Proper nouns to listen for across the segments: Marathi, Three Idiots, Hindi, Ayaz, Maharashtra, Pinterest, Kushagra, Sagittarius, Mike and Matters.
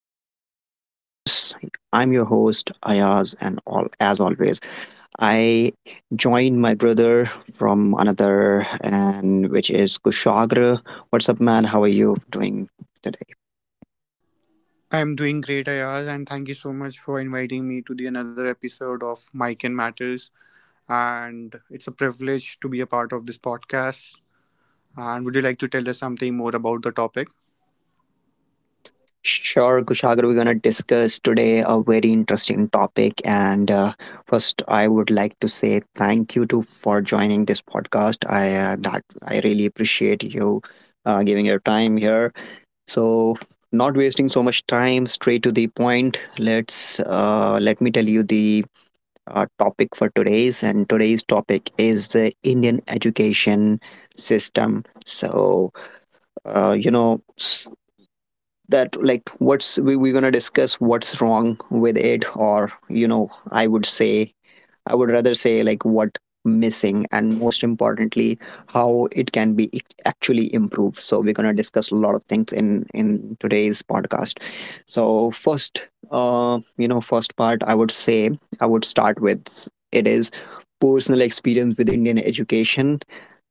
Mike and Matters. I'm your host Ayaz, and all as always, I joined my brother from another, and which is Kushagra. What's up, man? How are you doing today? I'm doing great, Ayaz, and thank you so much for inviting me to the another episode of Mike and Matters. And it's a privilege to be a part of this podcast. And would you like to tell us something more about the topic? Sure, Kushagra. We're gonna discuss today a very interesting topic, and first, I would like to say thank you to for joining this podcast. I really appreciate you giving your time here. So, not wasting so much time, straight to the point. Let me tell you the topic for today's topic is the Indian education system. So, uh, you know, that like we're gonna discuss what's wrong with it, or you know, I would rather say like what missing, and most importantly how it can be actually improved. So we're gonna discuss a lot of things in today's podcast. So first, first part, I would start with it is personal experience with Indian education.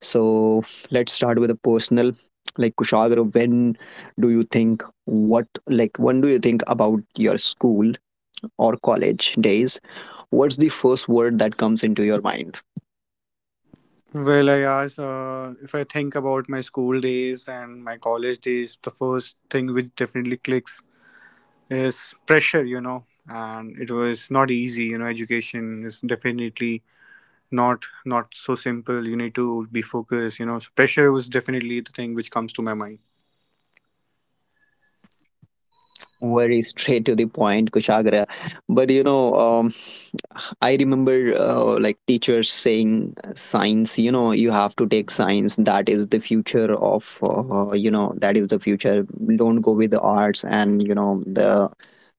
So let's start with a personal, like Kushagru, do you think when do you think about your school or college days, what's the first word that comes into your mind? Well, Ayaz, if I think about my school days and my college days, the first thing which definitely clicks is pressure, you know. And it was not easy, you know. Education is definitely not so simple. You need to be focused, you know. So pressure was definitely the thing which comes to my mind. Very straight to the point, Kushagra. But you know, I remember like teachers saying science, you know, you have to take science. That is the future of, that is the future. Don't go with the arts, and you know, the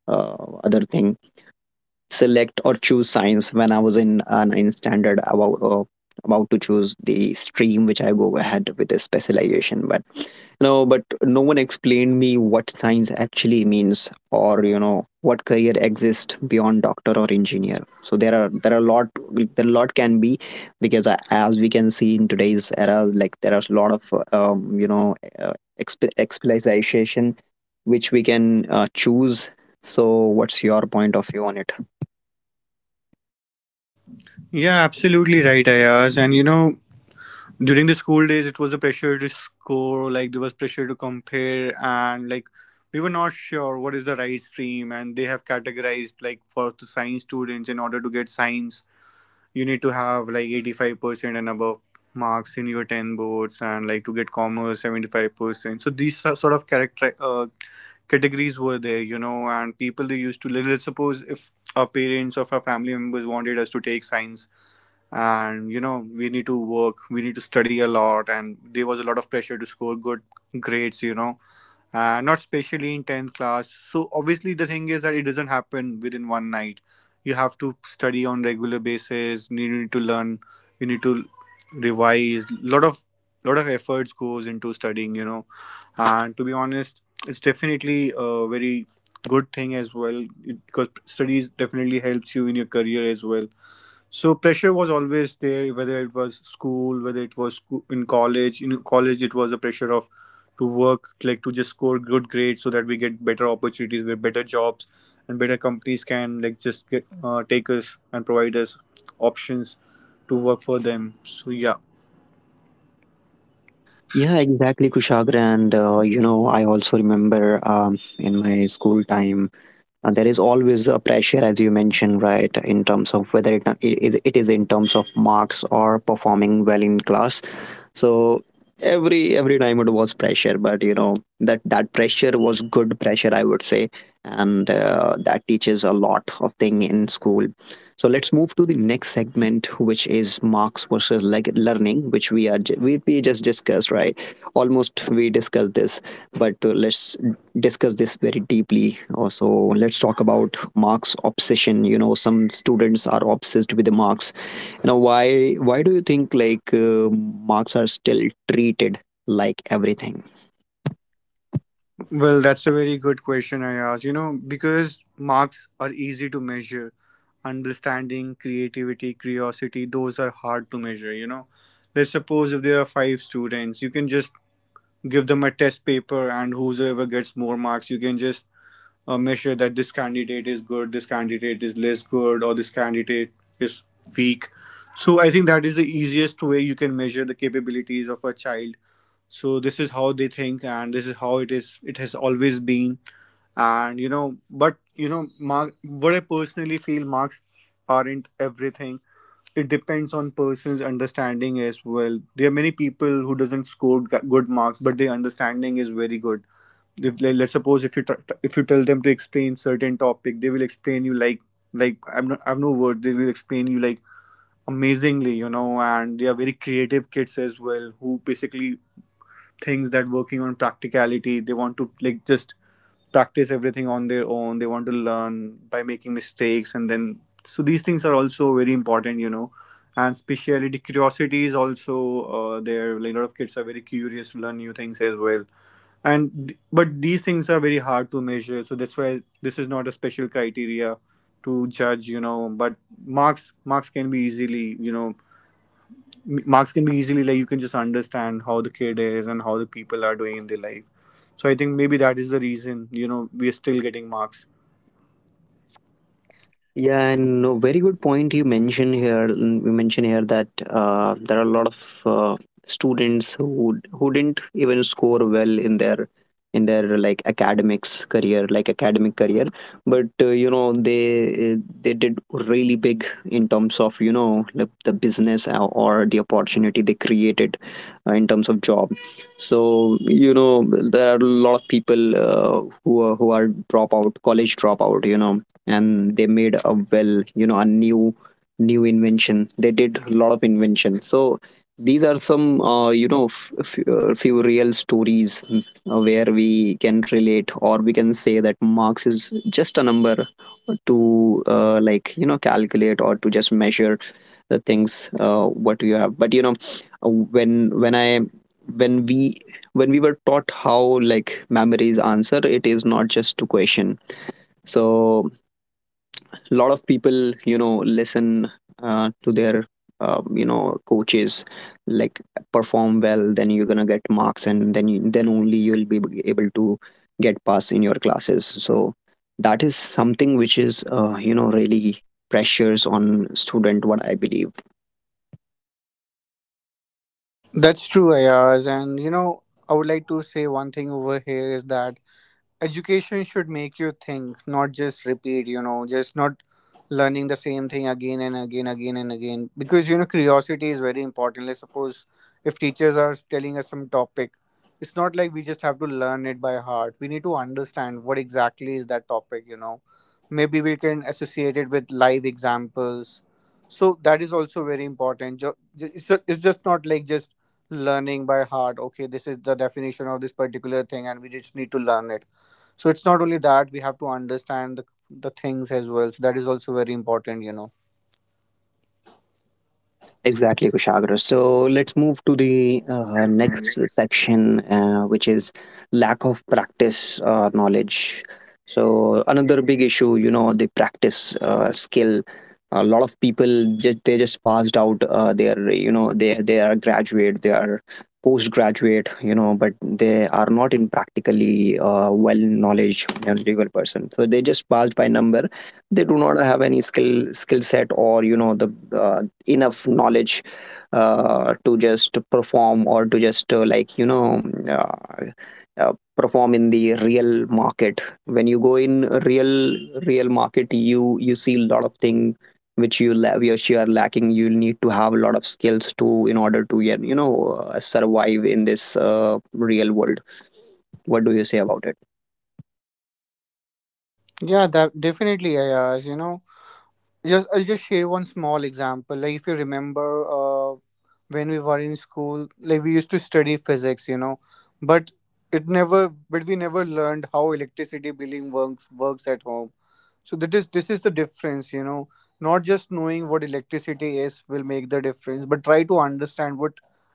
uh, other thing, select or choose science when I was in ninth standard, about to choose the stream which I go ahead with the specialization. But no one explained me what science actually means, or you know, what career exists beyond doctor or engineer. So there are a lot there are a lot can be, because as we can see in today's era, like there are a lot of exp- specialization which we can choose. So what's your point of view on it? Yeah, absolutely right, Ayaz. And you know, during the school days, it was a pressure to score, like there was pressure to compare, and like we were not sure what is the right stream, and they have categorized like for the science students in order to get science, you need to have like 85% and above marks in your 10 boards, and like to get commerce 75%. So these are sort of character categories were there, you know, and people they used to like, let's suppose if our parents or our family members wanted us to take science, and you know, we need to work, we need to study a lot, and there was a lot of pressure to score good grades, you know, not especially in 10th class. So obviously the thing is that it doesn't happen within one night. You have to study on regular basis, you need to learn, you need to revise, lot of efforts goes into studying, you know. And to be honest, it's definitely a very good thing as well because studies definitely helps you in your career as well. So pressure was always there, whether it was school, whether it was in college. In college, it was a pressure of to work, like to just score good grades so that we get better opportunities with better jobs, and better companies can like just get, take us and provide us options to work for them. So yeah. Yeah, exactly, Kushagra. And, I also remember in my school time, there is always a pressure, as you mentioned, right, in terms of whether it is in terms of marks or performing well in class. So every time it was pressure, but you know that pressure was good pressure, I would say, and that teaches a lot of thing in school. So let's move to the next segment, which is marks versus like learning, which we just discussed, right? Almost we discussed this, but let's discuss this very deeply. Also, let's talk about marks obsession. You know, some students are obsessed with the marks. You know, why do you think like marks are still treated like everything? Well, that's a very good question, I asked. You know, because marks are easy to measure, understanding, creativity, curiosity, those are hard to measure. You know, let's suppose if there are five students, you can just give them a test paper, and whosoever gets more marks, you can just measure that this candidate is good, this candidate is less good, or this candidate is weak. So, I think that is the easiest way you can measure the capabilities of a child. So this is how they think, and this is how it is, it has always been. And you know, but you know, mark, what I personally feel, marks aren't everything. It depends on person's understanding as well. There are many people who doesn't score good marks but their understanding is very good. If like, let's suppose if you if you tell them to explain certain topic, they will explain you like I'm not I've no word they will explain you like amazingly, you know. And they are very creative kids as well who basically thinks that working on practicality, they want to like just practice everything on their own. They want to learn by making mistakes, and then, so these things are also very important, you know. And speciality, curiosity is also, there, like a lot of kids are very curious to learn new things as well. And but these things are very hard to measure, so that's why this is not a special criteria to judge, you know. But marks can be easily, you know, marks can be easily like, you can just understand how the kid is and how the people are doing in their life. So I think maybe that is the reason, you know, we are still getting marks. Yeah, and no, very good point you mentioned here. You mentioned here that there are a lot of uh, students who who didn't even score well in their academic career, but they did really big in terms of you know the business or the opportunity they created in terms of job. So you know there are a lot of people who are dropout, college dropout. You know, and they made a well, you know, a new invention. They did a lot of invention. So these are some few real stories, where we can relate or we can say that marks is just a number to like you know calculate or to just measure the things what you have. But you know, uh, when when i when we when we were taught how like memories answer it is not just to question. So a lot of people you know listen to their coaches, like perform well then you're gonna get marks, and then then only you'll be able to get pass in your classes. So that is something which is you know really pressures on student, what I believe. That's true, Ayaz. And you know, I would like to say one thing over here is that education should make you think, not just repeat, you know, just not learning the same thing again and again, again and again. Because, you know, curiosity is very important. Let's suppose if teachers are telling us some topic, it's not like we just have to learn it by heart. We need to understand what exactly is that topic, you know. Maybe we can associate it with live examples. So that is also very important. It's it's just not like just learning by heart. Okay, this is the definition of this particular thing, and we just need to learn it. So it's not only that, we have to understand the things as well, so that is also very important, you know. Exactly, Kushagra. So let's move to the next section, which is lack of practice knowledge. So another big issue, you know, the practice skill. A lot of people just they just passed out. They are you know they are graduate, they are postgraduate, you know, but they are not in practically well knowledge you person. So they just passed by number. They do not have any skill set, or you know the enough knowledge to just perform or to just perform in the real market. When you go in real real market you you see a lot of thing which which you are lacking. You need to have a lot of skills to in order to get you know survive in this real world. What do you say about it? Yeah, that definitely, Ayaz, you know, just I'll just share one small example. Like if you remember, uh, when we were in school, like we used to study physics, you know, but it never but we never learned how electricity billing works at home. So that is, this is the difference, you know. Not just knowing what electricity is will make the difference, but try to understand what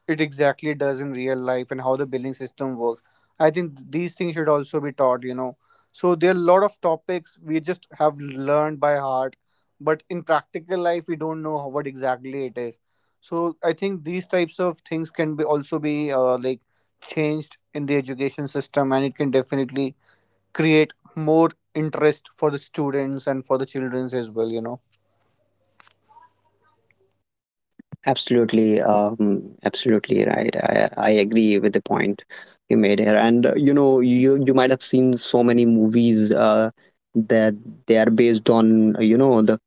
it exactly does in real life and how the billing system works. I think these things should also be taught, you know. So there are a lot of topics we just have learned by heart, but in practical life we don't know what exactly it is. So I think these types of things can be also be like changed in the education system, and it can definitely create more interest for the students and for the children as well, you know. Absolutely, absolutely right. I agree with the point you made here. And you you might have seen so many movies that they are based on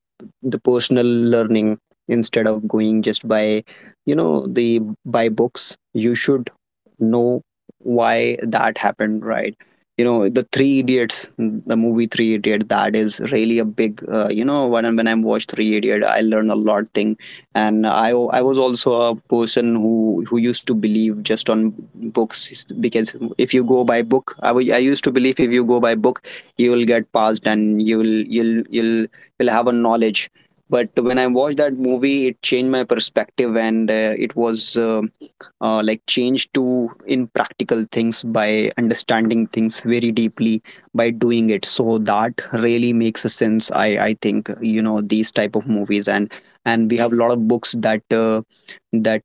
the personal learning, instead of going just by you know the by books. You should know why that happened, right? You know the three idiots, the movie Three Idiot. That is really a big when I watched Three Idiot, I learned a lot thing. And I was also a person who used to believe just on books, because if you go by book, I used to believe if you go by book you will get passed, and you'll will have a knowledge. But when I watched that movie, it changed my perspective, and it was like changed to in practical things, by understanding things very deeply, by doing it. So that really makes a sense. I think you know these type of movies, and we have a lot of books that that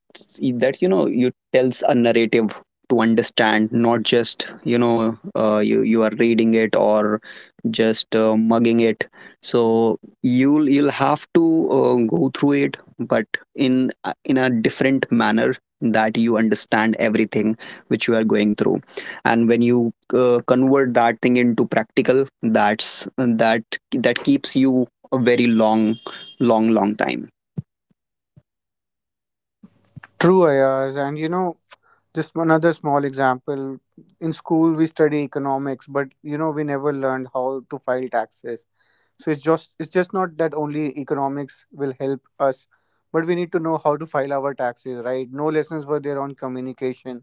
that you know you tells a narrative to understand, not just you know you you are reading it or just mugging it. So you'll have to go through it but in a different manner, that you understand everything which you are going through. And when you convert that thing into practical, that keeps you a very long time. True, Ayaz, and you know, just another small example. In school, we study economics, but you know, we never learned how to file taxes. So it's just, it's just not that only economics will help us, but we need to know how to file our taxes, right? No lessons were there on communication,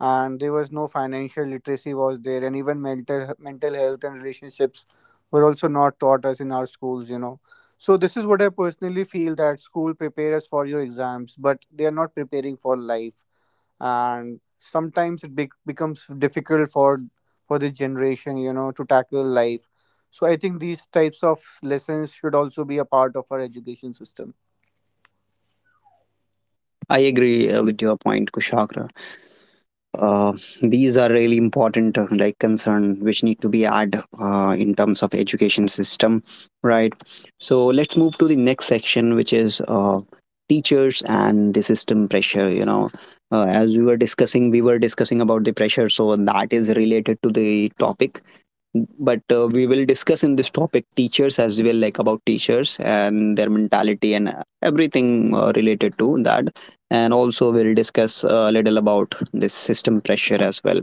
and there was no financial literacy was there, and even mental health and relationships were also not taught us in our schools, you know. So this is what I personally feel, that school prepare us for your exams, but they are not preparing for life. And sometimes it becomes difficult for this generation, you know, to tackle life. So I think these types of lessons should also be a part of our education system. I agree with your point, Kushagra. Uh, these are really important like concern which need to be added in terms of education system, right? So let's move to the next section, which is teachers and the system pressure. You know, as we were discussing about the pressure, so that is related to the topic. But we will discuss in this topic teachers as well, like about teachers and their mentality, and everything related to that. And also we'll discuss a little about this system pressure as well.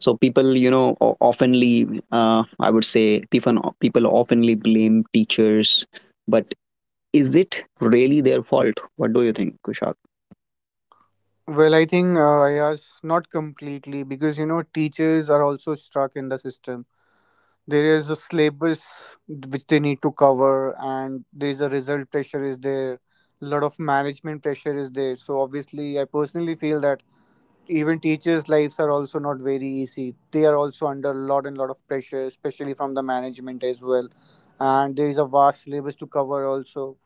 So people you know o- oftenly I would say people people oftenly blame teachers, but is it really their fault? What do you think, Kushal? Well, I think yes, not completely, because you know teachers are also stuck in the system. There is a syllabus which they need to cover, and there is a result pressure is there. A lot of management pressure is there. So obviously, I personally feel that even teachers' lives are also not very easy. They are also under a lot and lot of pressure, especially from the management as well. And there is a vast syllabus to cover also.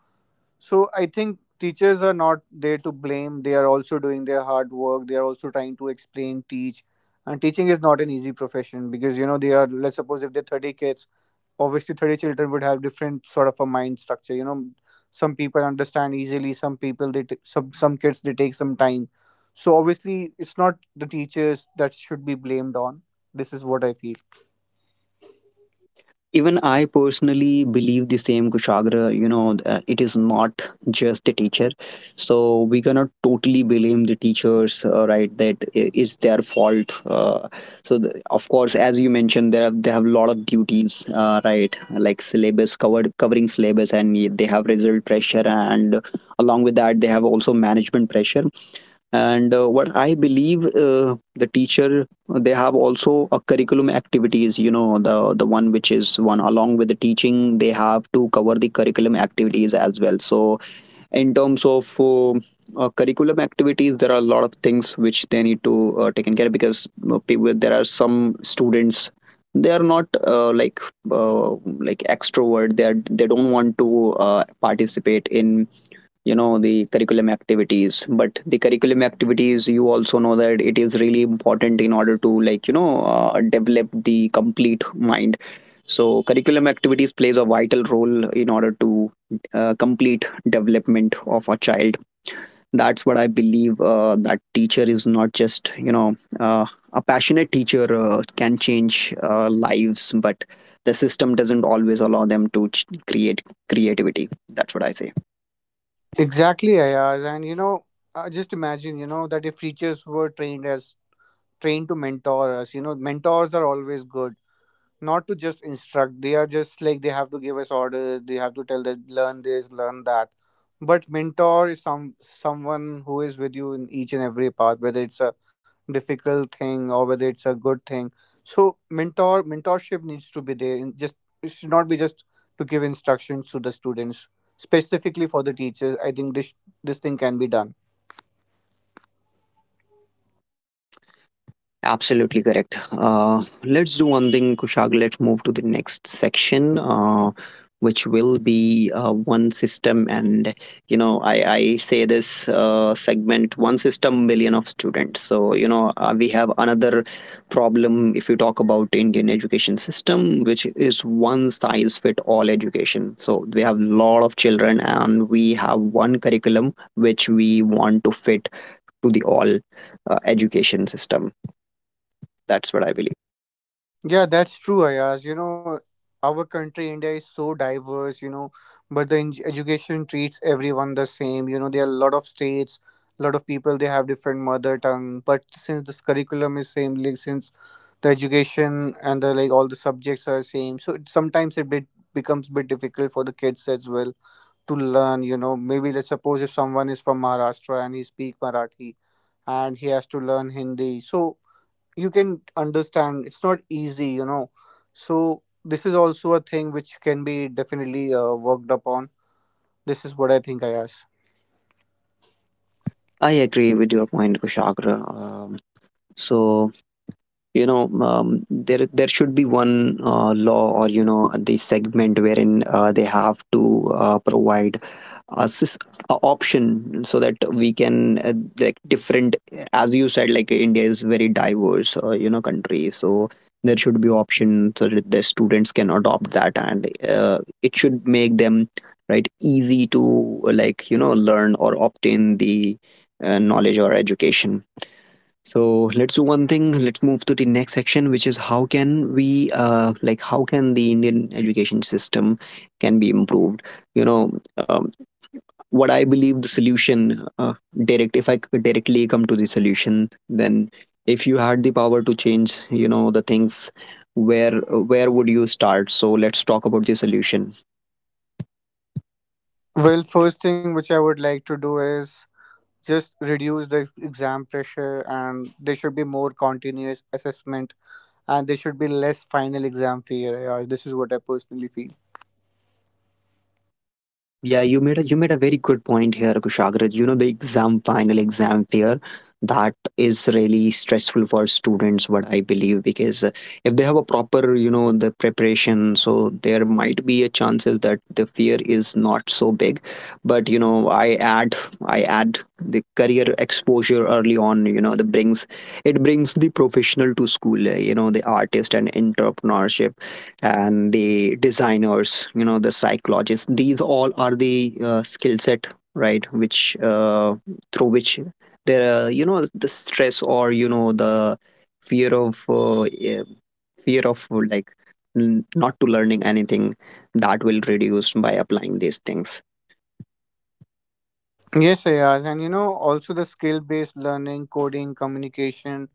So I think teachers are not there to blame. They are also doing their hard work. They are also trying to explain, teach. And teaching is not an easy profession, because you know they are. Let's suppose if they're 30 kids, obviously 30 children would have different sort of a mind structure. You know, some people understand easily. Some people they some kids they take some time. So obviously it's not the teachers that should be blamed on. This is what I feel. Even I personally believe the same, Kushagra. You know, it is not just the teacher. So we cannot totally blame the teachers, right? That it's their fault. So, the, of course, as you mentioned, they have a lot of duties, right? Like covering syllabus, and they have result pressure. And along with that, they have also management pressure. And what I believe the teacher, they have also a curriculum activities, you know, the one which is one along with the teaching they have to cover the curriculum activities as well. So in terms of curriculum activities, there are a lot of things which they need to take in care, because you know, there are some students they are not uh, like extrovert. They don't want to participate in you know the curriculum activities, but the curriculum activities, you also know that it is really important in order to like you know develop the complete mind. So curriculum activities plays a vital role in order to complete development of a child. That's what I believe, that teacher is not just you know a passionate teacher can change lives, but the system doesn't always allow them to create creativity. That's what I say. Exactly, Ayaz. And you know, just imagine, you know, that if teachers were trained to mentor us. You know, mentors are always good, not to just instruct. They are just like they have to give us orders. They have to tell that learn this, learn that. But mentor is someone who is with you in each and every path, whether it's a difficult thing or whether it's a good thing. So mentorship needs to be there. In just it should not be just to give instructions to the students. Specifically for the teachers, I think this thing can be done. Absolutely correct. Let's do one thing, Kushag. Let's move to the next section, which will be one system. And you know, I say this segment one system, million of students. We have another problem if you talk about Indian education system, which is one size fit all education. So we have a lot of children, and we have one curriculum which we want to fit to the all education system, that's what I believe. Yeah, that's true, Ayaz. You know, our country, India, is so diverse, you know, but the education treats everyone the same. You know, there are a lot of states, a lot of people, they have different mother tongue. But since this curriculum is same, like, since the education and the like all the subjects are same, so it, sometimes it bit becomes bit difficult for the kids as well to learn. You know, maybe let's suppose if someone is from Maharashtra and he speak Marathi and he has to learn Hindi, so you can understand it's not easy, you know. So this is also a thing which can be definitely worked upon. This is what I think, I ask. I agree with your point, Kushagra. So there should be one law or the segment wherein they have to provide a, a option so that we can like different, as you said, like india is very diverse country. So there should be option so that the students can adopt that, and it should make them right easy to like learn or obtain the knowledge or education. So let's do one thing, let's move to the next section, which is how can we like how can the indian education system can be improved, you know um, what I believe the solution direct if I directly come to the solution, then if you had the power to change, the things, where where would you start? So let's talk about the solution. Well, first thing which I would like to do is just reduce the exam pressure, and there should be more continuous assessment, and there should be less final exam fear, Ayaz. This is what I personally feel. Yeah, you made a very good point here, Kushagraj. You know, the exam, final exam fear, that is really stressful for students, what I believe, because if they have a proper, the preparation, so there might be a chances that the fear is not so big. But you know, I add the career exposure early on, you know, that brings the professional to school, you know, the artist and entrepreneurship and the designers, you know, the psychologists, these all are the skill set, right, which through which there you know the stress or you know the fear of uh, eh, fear of like not to learning anything, that will reduce by applying these things. Yes, Ayaz, and you know, also the skill based learning, coding, communication,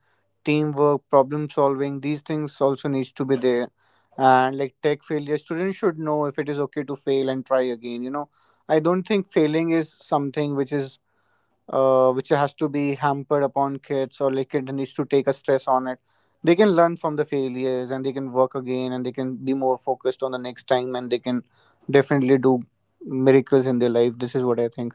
teamwork, problem solving, these things also needs to be there. And like tech failure, students should know if it is okay to fail and try again. You know, I don't think failing is something which is which has to be hampered upon kids, or like kid needs to take a stress on it. They can learn from the failures, and they can work again, and they can be more focused on the next time, and they can definitely do miracles in their life. This is what I think.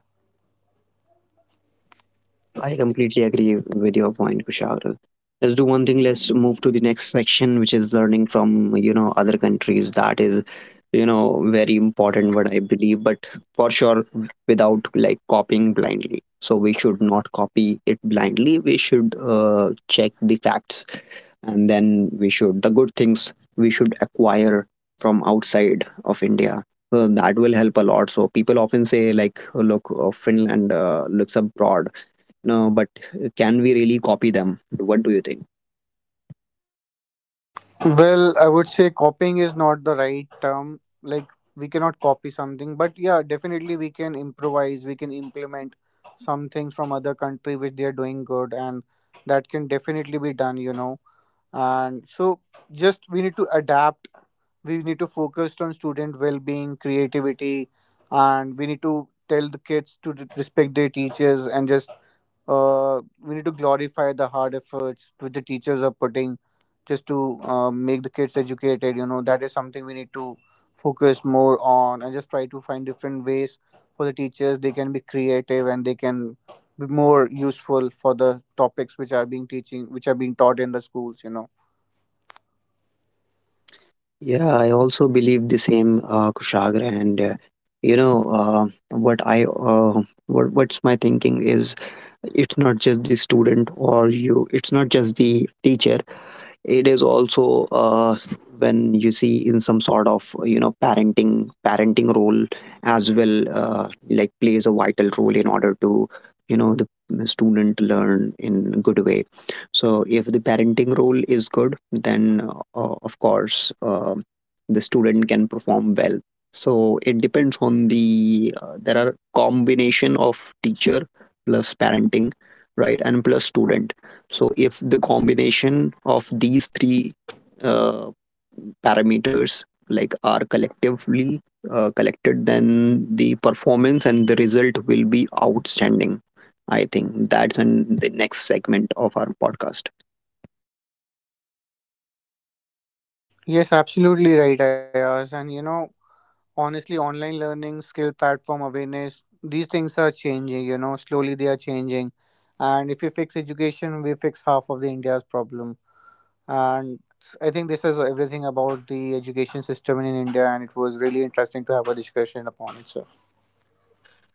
I completely agree with your point, Kushal. Let's do one thing. Let's move to the next section, which is learning from, you know, other countries. That is, you know, very important. What I believe, but for sure, without like copying blindly. So we should not copy it blindly. We should check the facts, and then we should, the good things we should acquire from outside of India. So that will help a lot. So people often say like, "Oh, look, Finland looks abroad." No, but can we really copy them? What do you think? Well, I would say copying is not the right term. Like, we cannot copy something, but yeah, definitely we can improvise, we can implement some things from other country which they are doing good, and that can definitely be done, you know. And so, just we need to adapt, we need to focus on student well being, creativity, and we need to tell the kids to respect their teachers, and just we need to glorify the hard efforts which the teachers are putting just to make the kids educated, you know. That is something we need to focus more on, and just try to find different ways for the teachers, they can be creative, and they can be more useful for the topics which are being teaching, which are being taught in the schools, you know. Yeah, I also believe the same, Kushagra. And you know, what I what's my thinking is, it's not just the student or you. It's not just the teacher. It is also when you see in some sort of, you know, parenting role as well, like plays a vital role in order to, you know, the student learn in good way. So if the parenting role is good, then of course the student can perform well. So it depends on the there are combination of teacher plus parenting, right, and plus student. So if the combination of these three uh, parameters like are collectively collected, then the performance and the result will be outstanding. I think that's in the next segment of our podcast. Yes, absolutely right, Ayaz, and you know, honestly, online learning, skill platform awareness, these things are changing, you know, slowly they are changing. And if we fix education, we fix half of the India's problem. And I think this is everything about the education system in India, and it was really interesting to have a discussion upon it. So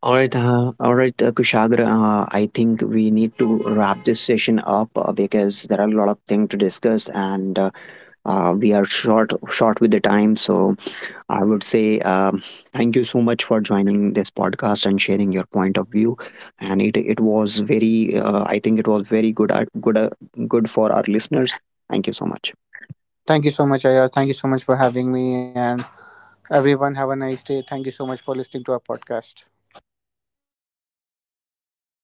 All right, Kushagra. I think we need to wrap this session up because there are a lot of things to discuss, and we are short with the time. So I would say, thank you so much for joining this podcast and sharing your point of view. And it was very, I think it was very good, good, good for our listeners. Thank you so much. thank you so much, Ayaz, thank you so much for having me, and everyone have a nice day. Thank you so much for listening to our podcast.